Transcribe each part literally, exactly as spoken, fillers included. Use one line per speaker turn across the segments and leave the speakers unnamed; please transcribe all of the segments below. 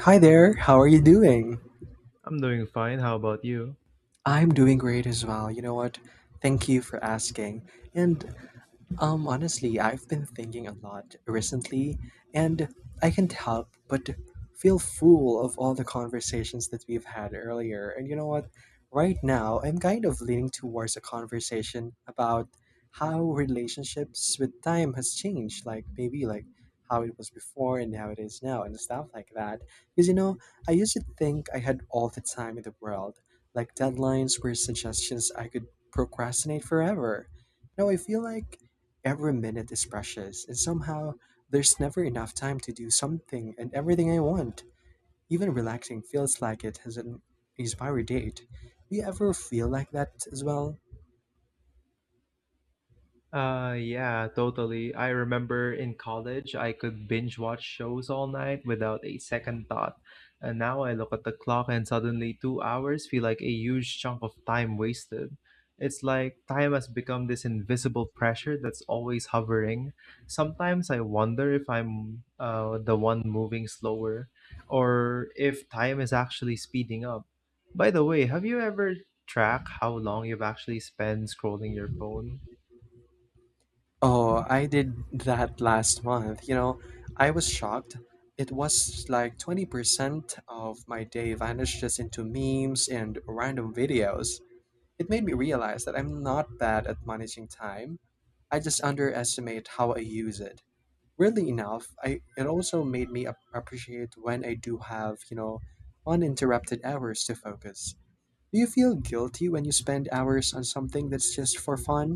Hi there, how are you doing?
I'm doing fine. How about you?
I'm doing great as well. You know what? Thank you for asking. And um, Honestly, I've been thinking a lot recently, and I can't help but feel full of all the conversations that we've had earlier. And you know what? Right now, I'm kind of leaning towards a conversation about how relationships with time has changed, like maybe like how it was before and how it is now and stuff like that. Because you know, I used to think I had all the time in the world. Like deadlines were suggestions I could procrastinate forever. Now I feel like every minute is precious, and somehow there's never enough time to do something and everything I want. Even relaxing feels like it has an expiry date. Do you ever feel like that as well?
Uh, yeah, totally. I remember in college, I could binge watch shows all night without a second thought. And now I look at the clock and suddenly two hours feel like a huge chunk of time wasted. It's like time has become this invisible pressure that's always hovering. Sometimes I wonder if I'm uh, the one moving slower or if time is actually speeding up. By the way, have you ever tracked how long you've actually spent scrolling your phone?
Oh, I did that last month. You know, I was shocked. It was like twenty percent of my day vanished just into memes and random videos. It made me realize that I'm not bad at managing time. I just underestimate how I use it. Weirdly enough, I it also made me ap- appreciate when I do have, you know, uninterrupted hours to focus. Do you feel guilty when you spend hours on something that's just for fun?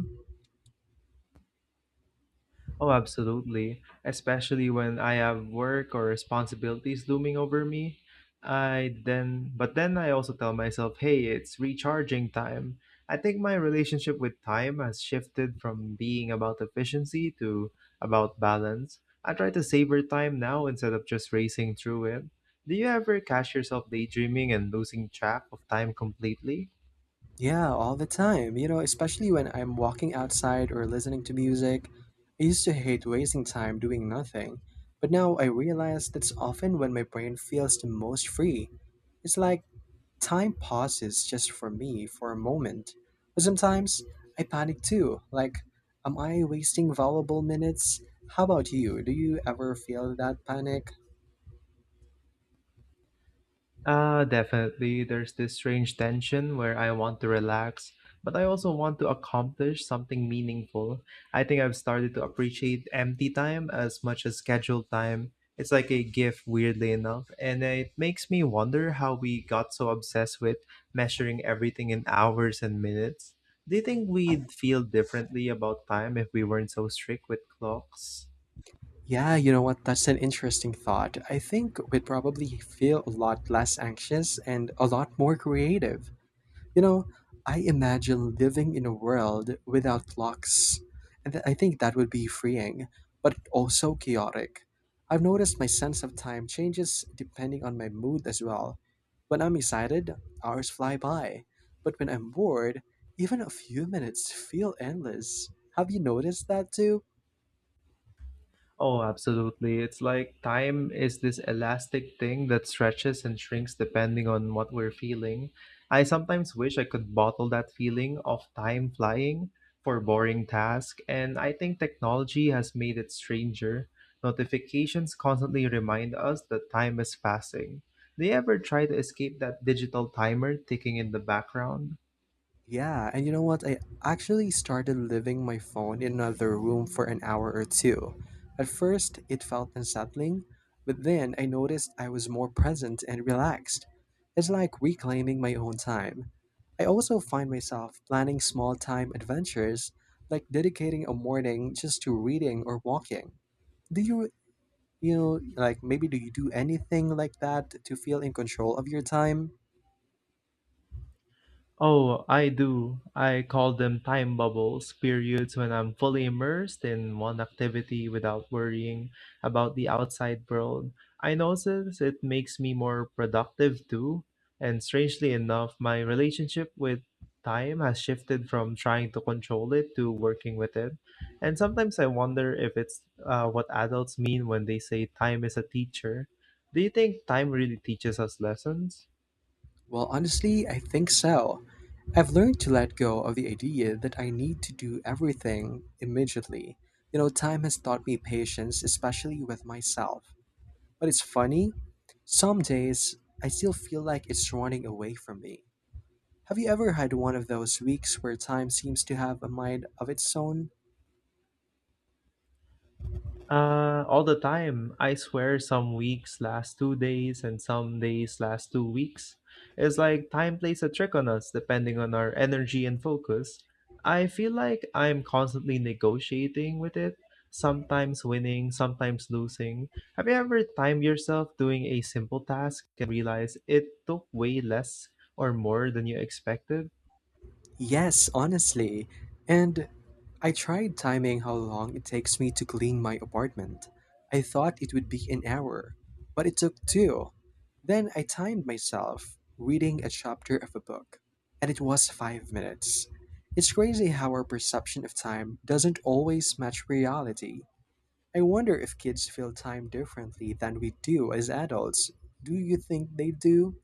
Oh, absolutely. Especially when I have work or responsibilities looming over me. I then, but then I also tell myself, hey, it's recharging time. I think my relationship with time has shifted from being about efficiency to about balance. I try to savor time now instead of just racing through it. Do you ever catch yourself daydreaming and losing track of time completely?
Yeah, all the time. You know, especially when I'm walking outside or listening to music. I used to hate wasting time doing nothing, but now I realize that's often when my brain feels the most free. It's like time pauses just for me for a moment, but sometimes I panic too. Like, am I wasting valuable minutes? How about you? Do you ever feel that panic?
Uh, definitely. There's this strange tension where I want to relax, but I also want to accomplish something meaningful. I think I've started to appreciate empty time as much as scheduled time. It's like a gift, weirdly enough, and it makes me wonder how we got so obsessed with measuring everything in hours and minutes. Do you think we'd feel differently about time if we weren't so strict with clocks?
Yeah, you know what? That's an interesting thought. I think we'd probably feel a lot less anxious and a lot more creative. You know, I imagine living in a world without clocks, and th- I think that would be freeing, but also chaotic. I've noticed my sense of time changes depending on my mood as well. When I'm excited, hours fly by, but when I'm bored, even a few minutes feel endless. Have you noticed that too?
Oh, absolutely. It's like time is this elastic thing that stretches and shrinks depending on what we're feeling. I sometimes wish I could bottle that feeling of time flying for boring tasks, and I think technology has made it stranger. Notifications constantly remind us that time is passing. Do you ever try to escape that digital timer ticking in the background?
Yeah, and you know what? I actually started leaving my phone in another room for an hour or two. At first, it felt unsettling, but then I noticed I was more present and relaxed. It's like reclaiming my own time. I also find myself planning small time adventures, like dedicating a morning just to reading or walking. Do you, you know, like maybe do you do anything like that to feel in control of your time?
Oh, I do. I call them time bubbles, periods when I'm fully immersed in one activity without worrying about the outside world. I notice it makes me more productive too. And strangely enough, my relationship with time has shifted from trying to control it to working with it. And sometimes I wonder if it's uh, what adults mean when they say time is a teacher. Do you think time really teaches us lessons?
Well, honestly, I think so. I've learned to let go of the idea that I need to do everything immediately. You know, time has taught me patience, especially with myself. But it's funny, some days I still feel like it's running away from me. Have you ever had one of those weeks where time seems to have a mind of its own?
Uh, all the time. I swear some weeks last two days and some days last two weeks. It's like time plays a trick on us depending on our energy and focus. I feel like I'm constantly negotiating with it, sometimes winning, sometimes losing. Have you ever timed yourself doing a simple task and realize it took way less or more than you expected?
Yes, honestly. And I tried timing how long it takes me to clean my apartment. I thought it would be an hour, but it took two. Then I timed myself reading a chapter of a book, and it was five minutes. It's crazy how our perception of time doesn't always match reality. I wonder if kids feel time differently than we do as adults. Do you think they do?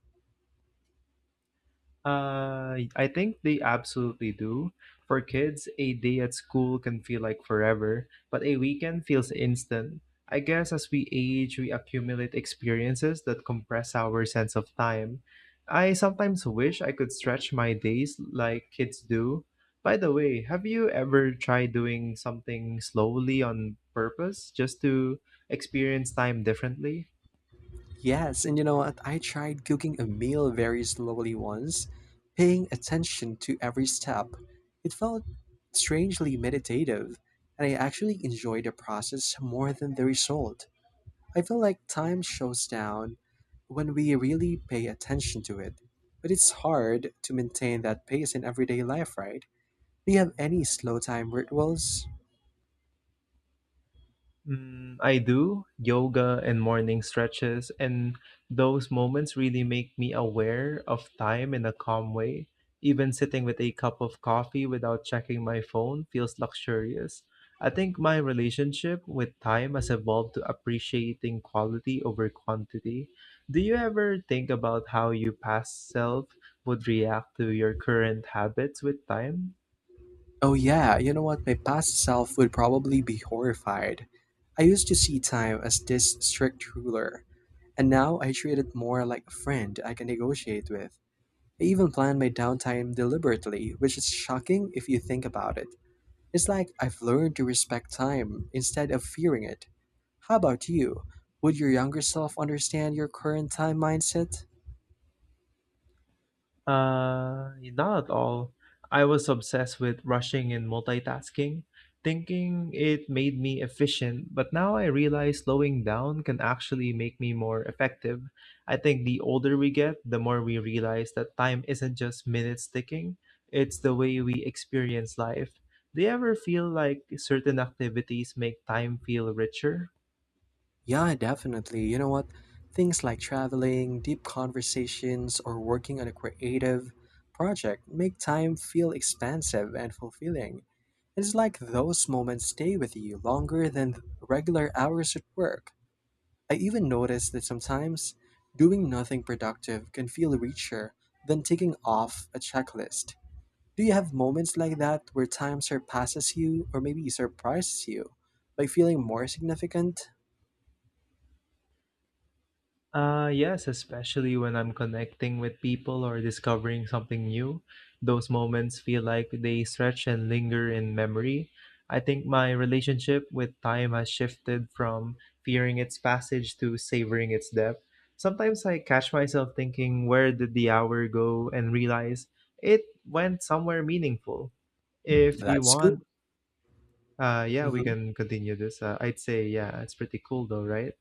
Uh, I think they absolutely do. For kids, a day at school can feel like forever, but a weekend feels instant. I guess as we age, we accumulate experiences that compress our sense of time. I sometimes wish I could stretch my days like kids do. By the way, have you ever tried doing something slowly on purpose just to experience time differently?
Yes, and you know what? I tried cooking a meal very slowly once, paying attention to every step. It felt strangely meditative, and I actually enjoyed the process more than the result. I feel like time slows down when we really pay attention to it. But it's hard to maintain that pace in everyday life, right? Do you have any slow time rituals?
Mm, I do yoga and morning stretches, and those moments really make me aware of time in a calm way. Even sitting with a cup of coffee without checking my phone feels luxurious. I think my relationship with time has evolved to appreciating quality over quantity. Do you ever think about how your past self would react to your current habits with time?
Oh yeah, you know what? My past self would probably be horrified. I used to see time as this strict ruler, and now I treat it more like a friend I can negotiate with. I even plan my downtime deliberately, which is shocking if you think about it. It's like I've learned to respect time instead of fearing it. How about you? Would your younger self understand your current time mindset?
Uh, not at all. I was obsessed with rushing and multitasking, thinking it made me efficient, but now I realize slowing down can actually make me more effective. I think the older we get, the more we realize that time isn't just minutes ticking, it's the way we experience life. Do you ever feel like certain activities make time feel richer?
Yeah, definitely. You know what? Things like traveling, deep conversations, or working on a creative project make time feel expansive and fulfilling. It's like those moments stay with you longer than the regular hours at work. I even noticed that sometimes doing nothing productive can feel richer than ticking off a checklist. Do you have moments like that where time surpasses you or maybe surprises you by feeling more significant?
Uh, yes, especially when I'm connecting with people or discovering something new. Those moments feel like they stretch and linger in memory. I think my relationship with time has shifted from fearing its passage to savoring its depth. Sometimes I catch myself thinking, where did the hour go? And realize it went somewhere meaningful. If you
That's cool.
want, uh, yeah, we can continue this. Uh, I'd say, yeah, it's pretty cool though, right?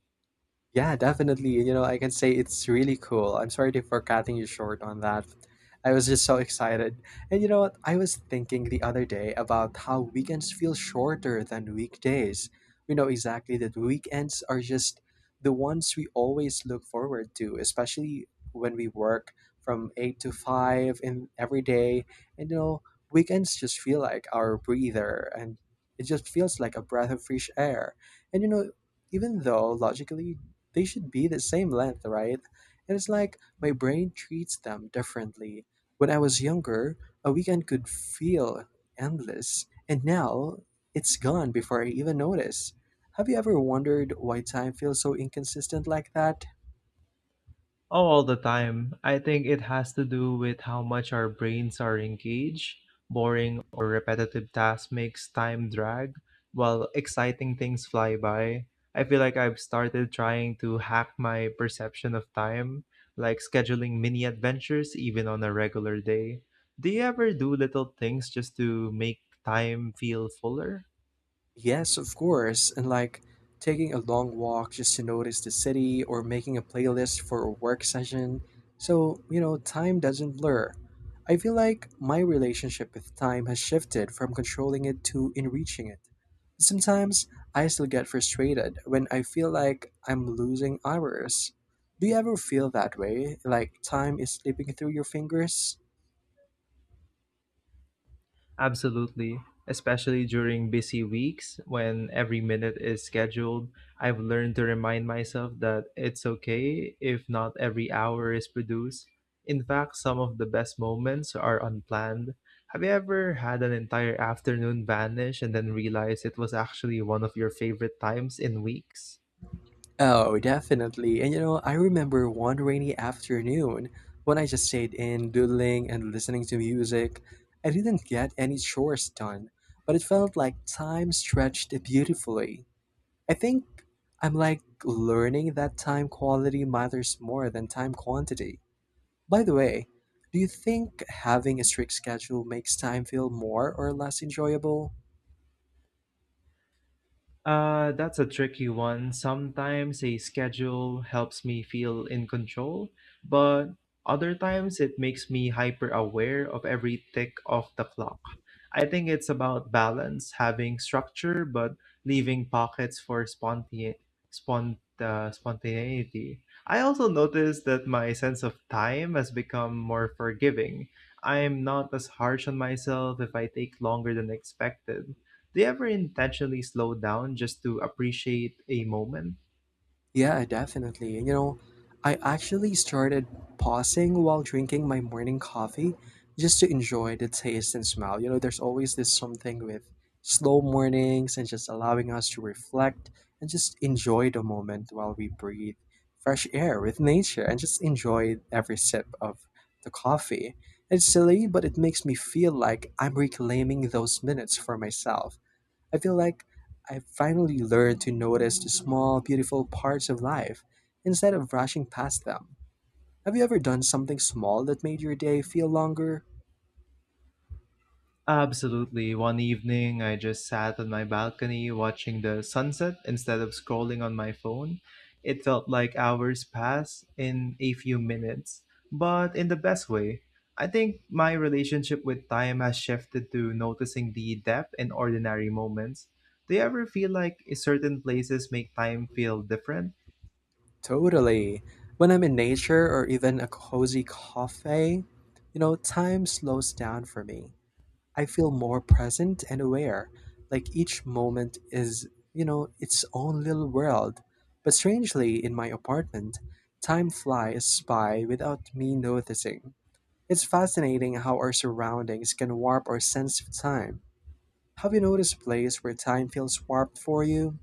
Yeah, definitely. You know, I can say it's really cool. I'm sorry to- for cutting you short on that. I was just so excited. And you know what? I was thinking the other day about how weekends feel shorter than weekdays. We know exactly that weekends are just the ones we always look forward to, especially when we work from eight to five in every day. And you know, weekends just feel like our breather and it just feels like a breath of fresh air. And you know, even though logically they should be the same length, right? And it's like my brain treats them differently. When I was younger, a weekend could feel endless, and now it's gone before I even notice. Have you ever wondered why time feels so inconsistent like that?
Oh, all the time. I think it has to do with how much our brains are engaged. Boring or repetitive tasks makes time drag, while exciting things fly by. I feel like I've started trying to hack my perception of time, like scheduling mini adventures even on a regular day. Do you ever do little things just to make time feel fuller?
Yes, of course, and like taking a long walk just to notice the city or making a playlist for a work session. So, you know, time doesn't blur. I feel like my relationship with time has shifted from controlling it to enriching it. Sometimes I still get frustrated when I feel like I'm losing hours. Do you ever feel that way? Like time is slipping through your fingers?
Absolutely. Especially during busy weeks when every minute is scheduled, I've learned to remind myself that it's okay if not every hour is produced. In fact, some of the best moments are unplanned. Have you ever had an entire afternoon vanish and then realized it was actually one of your favorite times in weeks?
Oh, definitely. And you know, I remember one rainy afternoon when I just stayed in doodling and listening to music. I didn't get any chores done, but it felt like time stretched beautifully. I think I'm like learning that time quality matters more than time quantity. By the way, do you think having a strict schedule makes time feel more or less enjoyable?
Uh, that's a tricky one. Sometimes a schedule helps me feel in control, but other times it makes me hyper aware of every tick of the clock. I think it's about balance, having structure, but leaving pockets for sponte- spont- uh, spontaneity. I also noticed that my sense of time has become more forgiving. I'm not as harsh on myself if I take longer than expected. Do you ever intentionally slow down just to appreciate a moment?
Yeah, definitely. You know, I actually started pausing while drinking my morning coffee just to enjoy the taste and smell. You know, there's always this something with slow mornings and just allowing us to reflect and just enjoy the moment while we breathe fresh air with nature and just enjoy every sip of the coffee. It's silly, but it makes me feel like I'm reclaiming those minutes for myself. I feel like I've finally learned to notice the small, beautiful parts of life instead of rushing past them. Have you ever done something small that made your day feel longer?
Absolutely. One evening, I just sat on my balcony watching the sunset instead of scrolling on my phone. It felt like hours passed in a few minutes, but in the best way. I think my relationship with time has shifted to noticing the depth in ordinary moments. Do you ever feel like certain places make time feel different?
Totally. When I'm in nature or even a cozy cafe, you know, time slows down for me. I feel more present and aware, like each moment is, you know, its own little world. But strangely, in my apartment, time flies by without me noticing. It's fascinating how our surroundings can warp our sense of time. Have you noticed a place where time feels warped for you?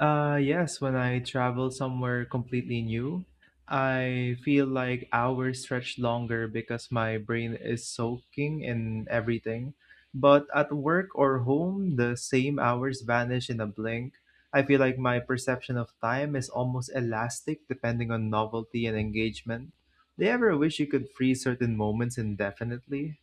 Uh, yes, when I travel somewhere completely new, I feel like hours stretch longer because my brain is soaking in everything. But at work or home, the same hours vanish in a blink. I feel like my perception of time is almost elastic depending on novelty and engagement. Do you ever wish you could freeze certain moments indefinitely?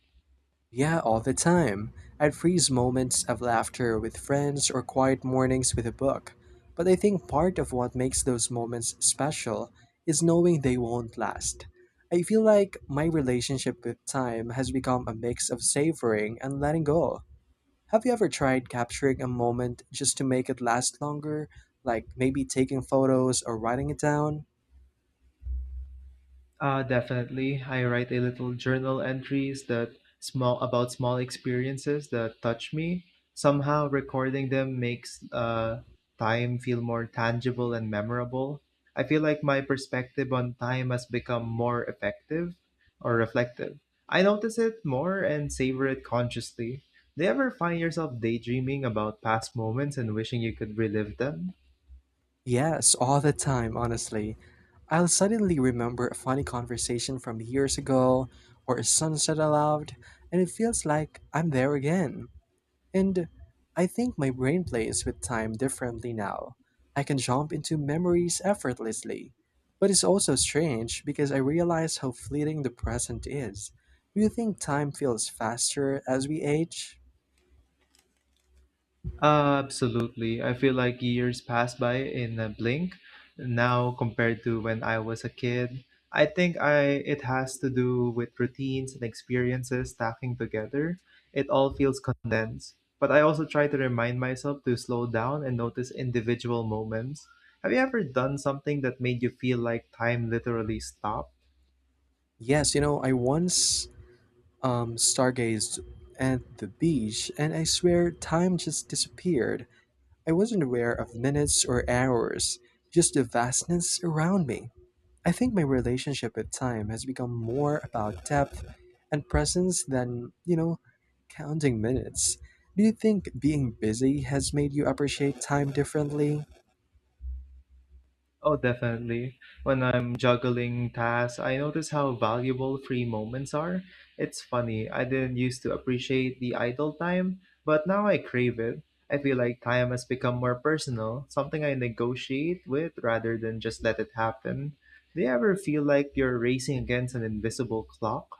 Yeah, all the time. I'd freeze moments of laughter with friends or quiet mornings with a book. But I think part of what makes those moments special is knowing they won't last. I feel like my relationship with time has become a mix of savoring and letting go. Have you ever tried capturing a moment just to make it last longer, like maybe taking photos or writing it down?
Uh, definitely. I write a little journal entries that small about small experiences that touch me. Somehow recording them makes uh, time feel more tangible and memorable. I feel like my perspective on time has become more effective or reflective. I notice it more and savor it consciously. Do you ever find yourself daydreaming about past moments and wishing you could relive them?
Yes, all the time, honestly. I'll suddenly remember a funny conversation from years ago or a sunset aloud, and it feels like I'm there again. And I think my brain plays with time differently now. I can jump into memories effortlessly. But it's also strange because I realize how fleeting the present is. Do you think time feels faster as we age?
Uh, absolutely. I feel like years pass by in a blink now compared to when I was a kid. I think I it has to do with routines and experiences stacking together. It all feels condensed. But I also try to remind myself to slow down and notice individual moments. Have you ever done something that made you feel like time literally stopped?
Yes, you know, I once um, stargazed at the beach and I swear time just disappeared. I wasn't aware of minutes or hours, just the vastness around me. I think my relationship with time has become more about depth and presence than, you know, counting minutes. Do you think being busy has made you appreciate time differently?
Oh, definitely. When I'm juggling tasks, I notice how valuable free moments are. It's funny, I didn't used to appreciate the idle time, but now I crave it. I feel like time has become more personal, something I negotiate with rather than just let it happen. Do you ever feel like you're racing against an invisible clock?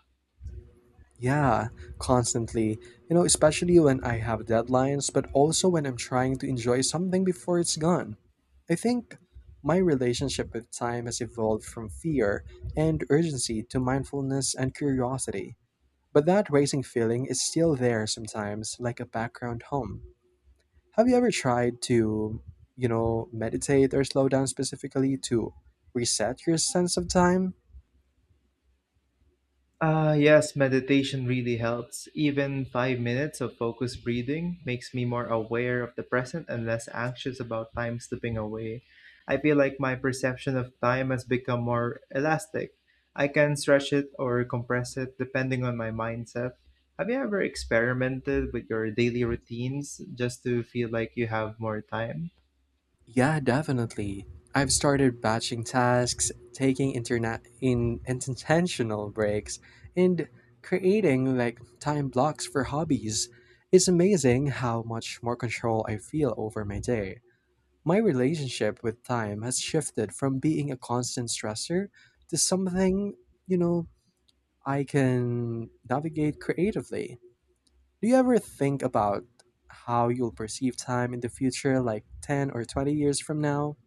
Yeah, constantly. You know, especially when I have deadlines, but also when I'm trying to enjoy something before it's gone. I think my relationship with time has evolved from fear and urgency to mindfulness and curiosity. But that racing feeling is still there sometimes, like a background hum. Have you ever tried to, you know, meditate or slow down specifically to reset your sense of time?
Uh, yes, meditation really helps. Even five minutes of focused breathing makes me more aware of the present and less anxious about time slipping away. I feel like my perception of time has become more elastic. I can stretch it or compress it depending on my mindset. Have you ever experimented with your daily routines just to feel like you have more time?
Yeah, definitely. I've started batching tasks, taking interna- in intentional breaks, and creating like time blocks for hobbies. It's amazing how much more control I feel over my day. My relationship with time has shifted from being a constant stressor to something, you know, I can navigate creatively. Do you ever think about how you'll perceive time in the future, like ten or twenty years from now?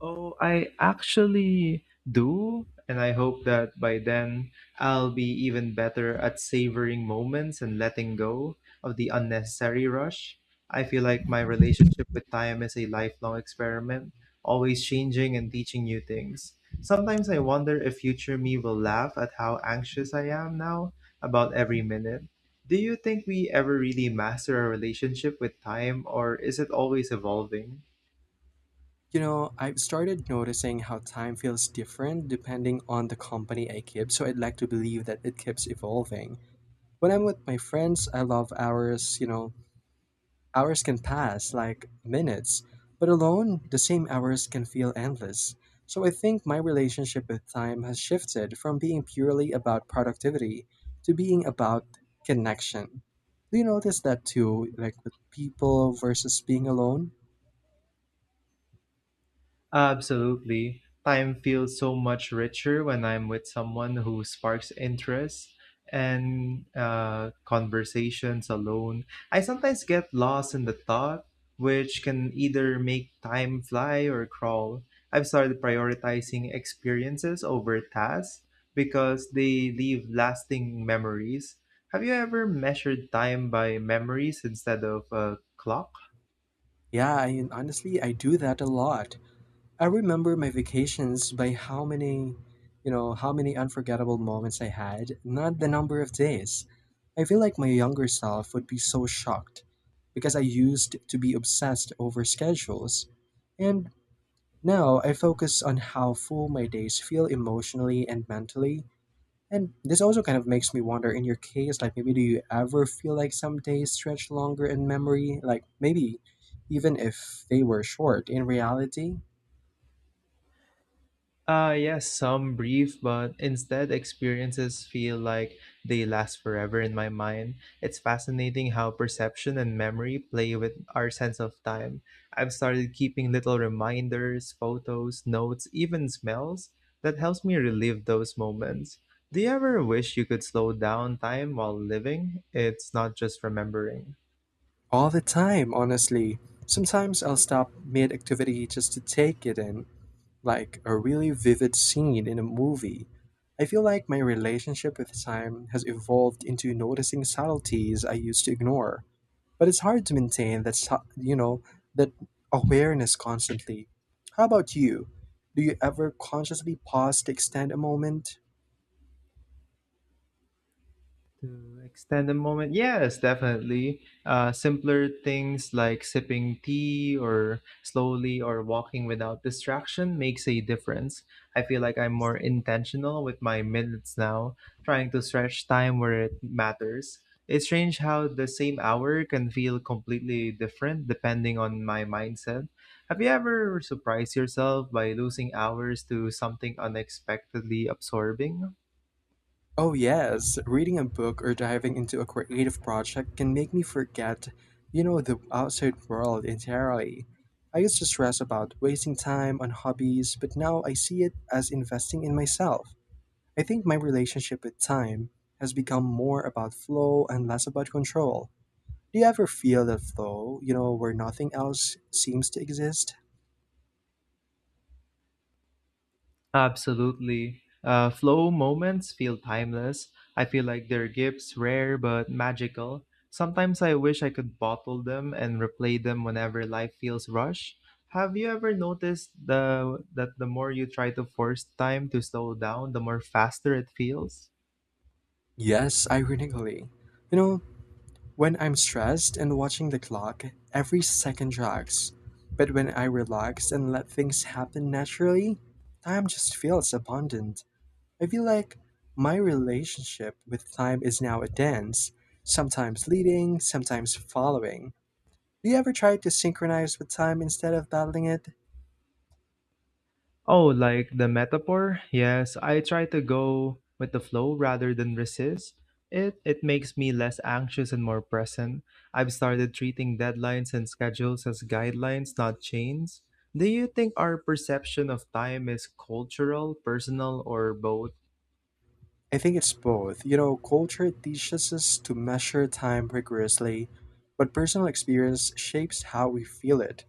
Oh, I actually do, and I hope that by then I'll be even better at savoring moments and letting go of the unnecessary rush. I feel like my relationship with time is a lifelong experiment, always changing and teaching new things. Sometimes I wonder if future me will laugh at how anxious I am now about every minute. Do you think we ever really master our relationship with time, or is it always evolving?
You know, I've started noticing how time feels different depending on the company I keep, so I'd like to believe that it keeps evolving. When I'm with my friends, I love hours, you know, hours can pass like minutes, but alone, the same hours can feel endless. So I think my relationship with time has shifted from being purely about productivity to being about connection. Do you notice that too, like with people versus being alone?
Absolutely. Time feels so much richer when I'm with someone who sparks interest and uh, conversations alone. I sometimes get lost in the thought, which can either make time fly or crawl. I've started prioritizing experiences over tasks because they leave lasting memories. Have you ever measured time by memories instead of a clock?
Yeah, I, honestly, I do that a lot. I remember my vacations by how many, you know, how many unforgettable moments I had, not the number of days. I feel like my younger self would be so shocked because I used to be obsessed over schedules. And now I focus on how full my days feel emotionally and mentally. And this also kind of makes me wonder in your case, like maybe do you ever feel like some days stretch longer in memory? Like maybe even if they were short in reality?
Uh, yes, some brief, but instead experiences feel like they last forever in my mind. It's fascinating how perception and memory play with our sense of time. I've started keeping little reminders, photos, notes, even smells that helps me relive those moments. Do you ever wish you could slow down time while living? It's not just remembering.
All the time, honestly. Sometimes I'll stop mid activity just to take it in, like a really vivid scene in a movie. I feel like my relationship with time has evolved into noticing subtleties I used to ignore, but it's hard to maintain that su- you know that awareness constantly. How about you? Do you ever consciously pause to extend a moment?
To extend the moment, yes, definitely. Uh, simpler things like sipping tea or slowly or walking without distraction makes a difference. I feel like I'm more intentional with my minutes now, trying to stretch time where it matters. It's strange how the same hour can feel completely different depending on my mindset. Have you ever surprised yourself by losing hours to something unexpectedly absorbing?
Oh, yes. Reading a book or diving into a creative project can make me forget, you know, the outside world entirely. I used to stress about wasting time on hobbies, but now I see it as investing in myself. I think my relationship with time has become more about flow and less about control. Do you ever feel that flow, you know, where nothing else seems to exist?
Absolutely. Uh, flow moments feel timeless. I feel like they're gifts, rare but magical. Sometimes I wish I could bottle them and replay them whenever life feels rushed. Have you ever noticed the that the more you try to force time to slow down, the more faster it feels?
Yes, ironically. You know, When I'm stressed and watching the clock, every second drags. But when I relax and let things happen naturally, time just feels abundant. I feel like my relationship with time is now a dance, sometimes leading, sometimes following. Do you ever try to synchronize with time instead of battling it?
Oh, like the metaphor? Yes, I try to go with the flow rather than resist. It it makes me less anxious and more present. I've started treating deadlines and schedules as guidelines, not chains. Do you think our perception of time is cultural, personal, or both?
I think it's both. You know, culture teaches us to measure time rigorously, but personal experience shapes how we feel it.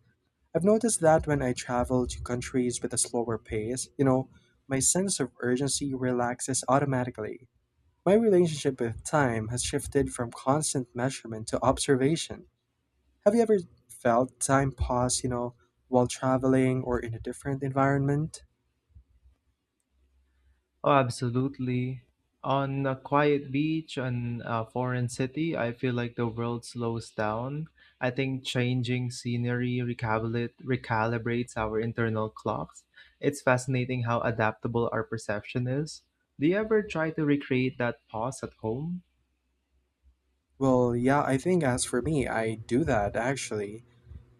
I've noticed that when I travel to countries with a slower pace, you know, my sense of urgency relaxes automatically. My relationship with time has shifted from constant measurement to observation. Have you ever felt time pause, you know, while traveling or in a different environment?
Oh, absolutely. On a quiet beach in a foreign city, I feel like the world slows down. I think changing scenery recalibra- recalibrates our internal clocks. It's fascinating how adaptable our perception is. Do you ever try to recreate that pause at home?
Well, yeah, I think as for me, I do that actually.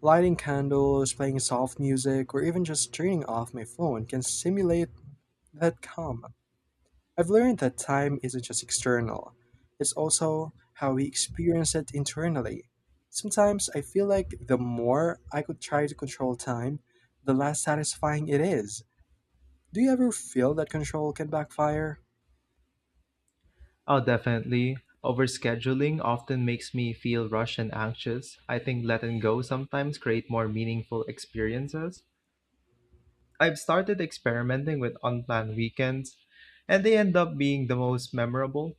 Lighting candles, playing soft music, or even just turning off my phone can simulate that calm. I've learned that time isn't just external, it's also how we experience it internally. Sometimes I feel like the more I could try to control time, the less satisfying it is. Do you ever feel that control can backfire?
Oh, definitely. Overscheduling often makes me feel rushed and anxious. I think letting go sometimes create more meaningful experiences. I've started experimenting with unplanned weekends, and they end up being the most memorable.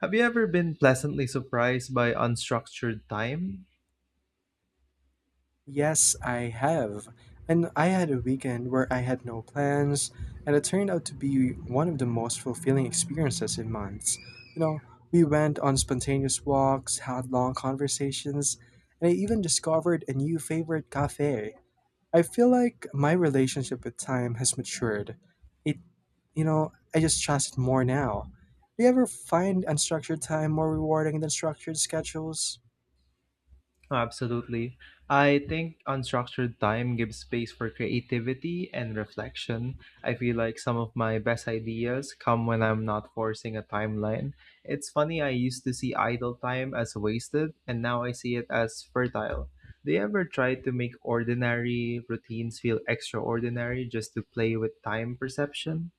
Have you ever been pleasantly surprised by unstructured time?
Yes, I have. And I had a weekend where I had no plans, and it turned out to be one of the most fulfilling experiences in months. You know, we went on spontaneous walks, had long conversations, and I even discovered a new favorite cafe. I feel like my relationship with time has matured. It, you know, I just trust it more now. Do you ever find unstructured time more rewarding than structured schedules?
Absolutely. I think unstructured time gives space for creativity and reflection. I feel like some of my best ideas come when I'm not forcing a timeline. It's funny, I used to see idle time as wasted, and now I see it as fertile. Do you ever try to make ordinary routines feel extraordinary just to play with time perception?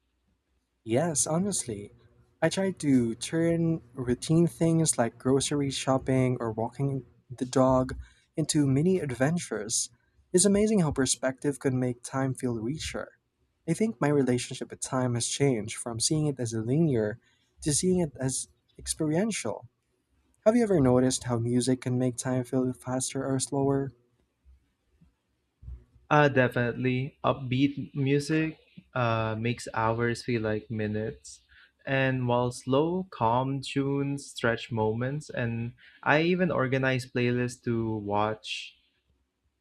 Yes, honestly. I try to turn routine things like grocery shopping or walking the dog into mini adventures. It's amazing how perspective can make time feel richer. I think my relationship with time has changed from seeing it as linear to seeing it as experiential. Have you ever noticed how music can make time feel faster or slower?
Uh, definitely. Upbeat music uh, makes hours feel like minutes. And while slow, calm tunes stretch moments, and I even organize playlists to watch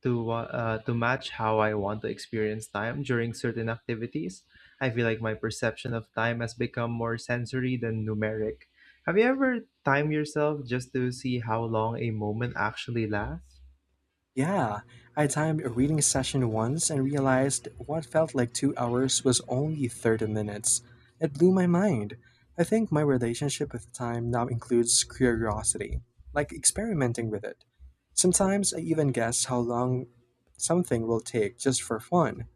to wa- uh, to match how I want to experience time during certain activities. I feel like my perception of time has become more sensory than numeric. Have you ever timed yourself just to see how long a moment actually lasts?
Yeah, I timed a reading session once and realized what felt like two hours was only thirty minutes. It blew my mind. I think my relationship with time now includes curiosity, like experimenting with it. Sometimes I even guess how long something will take just for fun.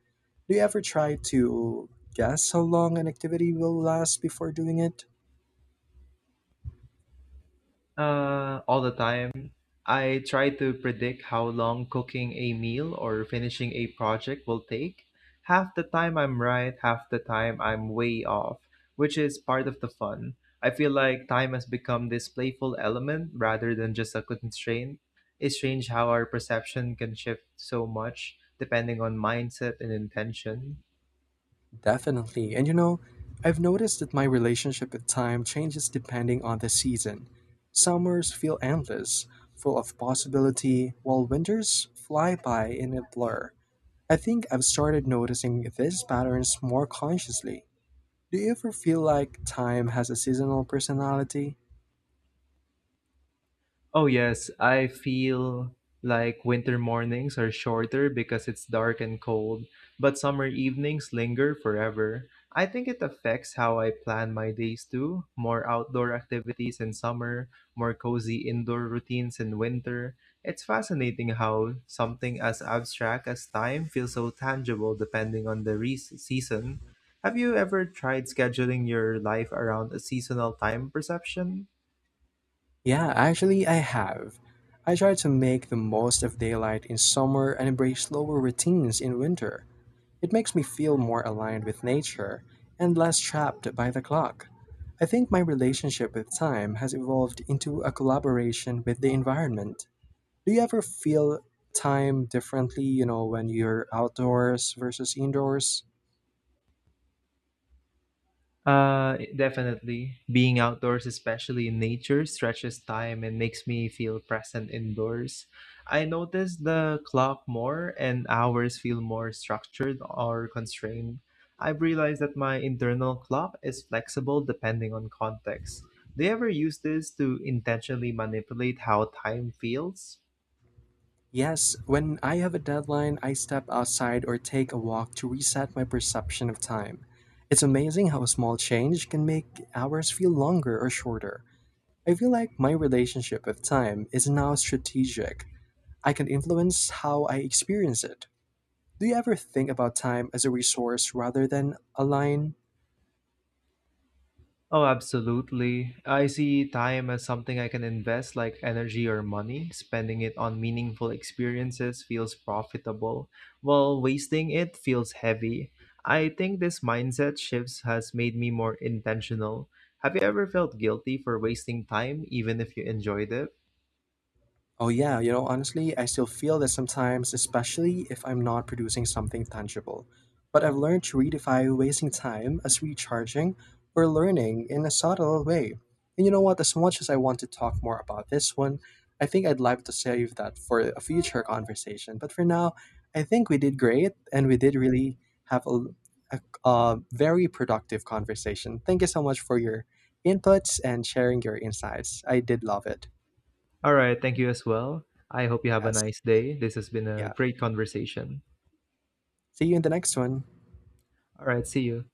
Do you ever try to guess how long an activity will last before doing it?
Uh, all the time. I try to predict how long cooking a meal or finishing a project will take. Half the time I'm right, half the time I'm way off, which is part of the fun. I feel like time has become this playful element rather than just a constraint. It's strange how our perception can shift so much depending on mindset and intention.
Definitely. And you know, I've noticed that my relationship with time changes depending on the season. Summers feel endless, full of possibility, while winters fly by in a blur. I think I've started noticing these patterns more consciously. Do you ever feel like time has a seasonal personality?
Oh, yes, I feel like winter mornings are shorter because it's dark and cold, but summer evenings linger forever. I think it affects how I plan my days too. More outdoor activities in summer, more cozy indoor routines in winter. It's fascinating how something as abstract as time feels so tangible depending on the re- season. Have you ever tried scheduling your life around a seasonal time perception?
Yeah, actually, I have. I try to make the most of daylight in summer and embrace slower routines in winter. It makes me feel more aligned with nature and less trapped by the clock. I think my relationship with time has evolved into a collaboration with the environment. Do you ever feel time differently, you know, when you're outdoors versus indoors?
Uh, definitely. Being outdoors, especially in nature, stretches time and makes me feel present indoors. I notice the clock more and hours feel more structured or constrained. I've realized that my internal clock is flexible depending on context. Do you ever use this to intentionally manipulate how time feels?
Yes, when I have a deadline, I step outside or take a walk to reset my perception of time. It's amazing how a small change can make hours feel longer or shorter. I feel like my relationship with time is now strategic I can influence how I experience it. Do you ever think about time as a resource rather than a line?
Oh, absolutely. I see time as something I can invest like energy or money. Spending it on meaningful experiences feels profitable, while wasting it feels heavy. I think this mindset shifts has made me more intentional. Have you ever felt guilty for wasting time even if you enjoyed it?
Oh, yeah, you know, honestly, I still feel that sometimes, especially if I'm not producing something tangible. But I've learned to redefine wasting time as recharging or learning in a subtle way. And you know what? As much as I want to talk more about this one, I think I'd like to save that for a future conversation. But for now, I think we did great and we did really have a, a, a very productive conversation. Thank you so much for your inputs and sharing your insights. I did love it.
All right, thank you as well. I hope you have a
Yes.
nice day. This has been a
Yeah.
great conversation.
See you in the next one.
All right, see you.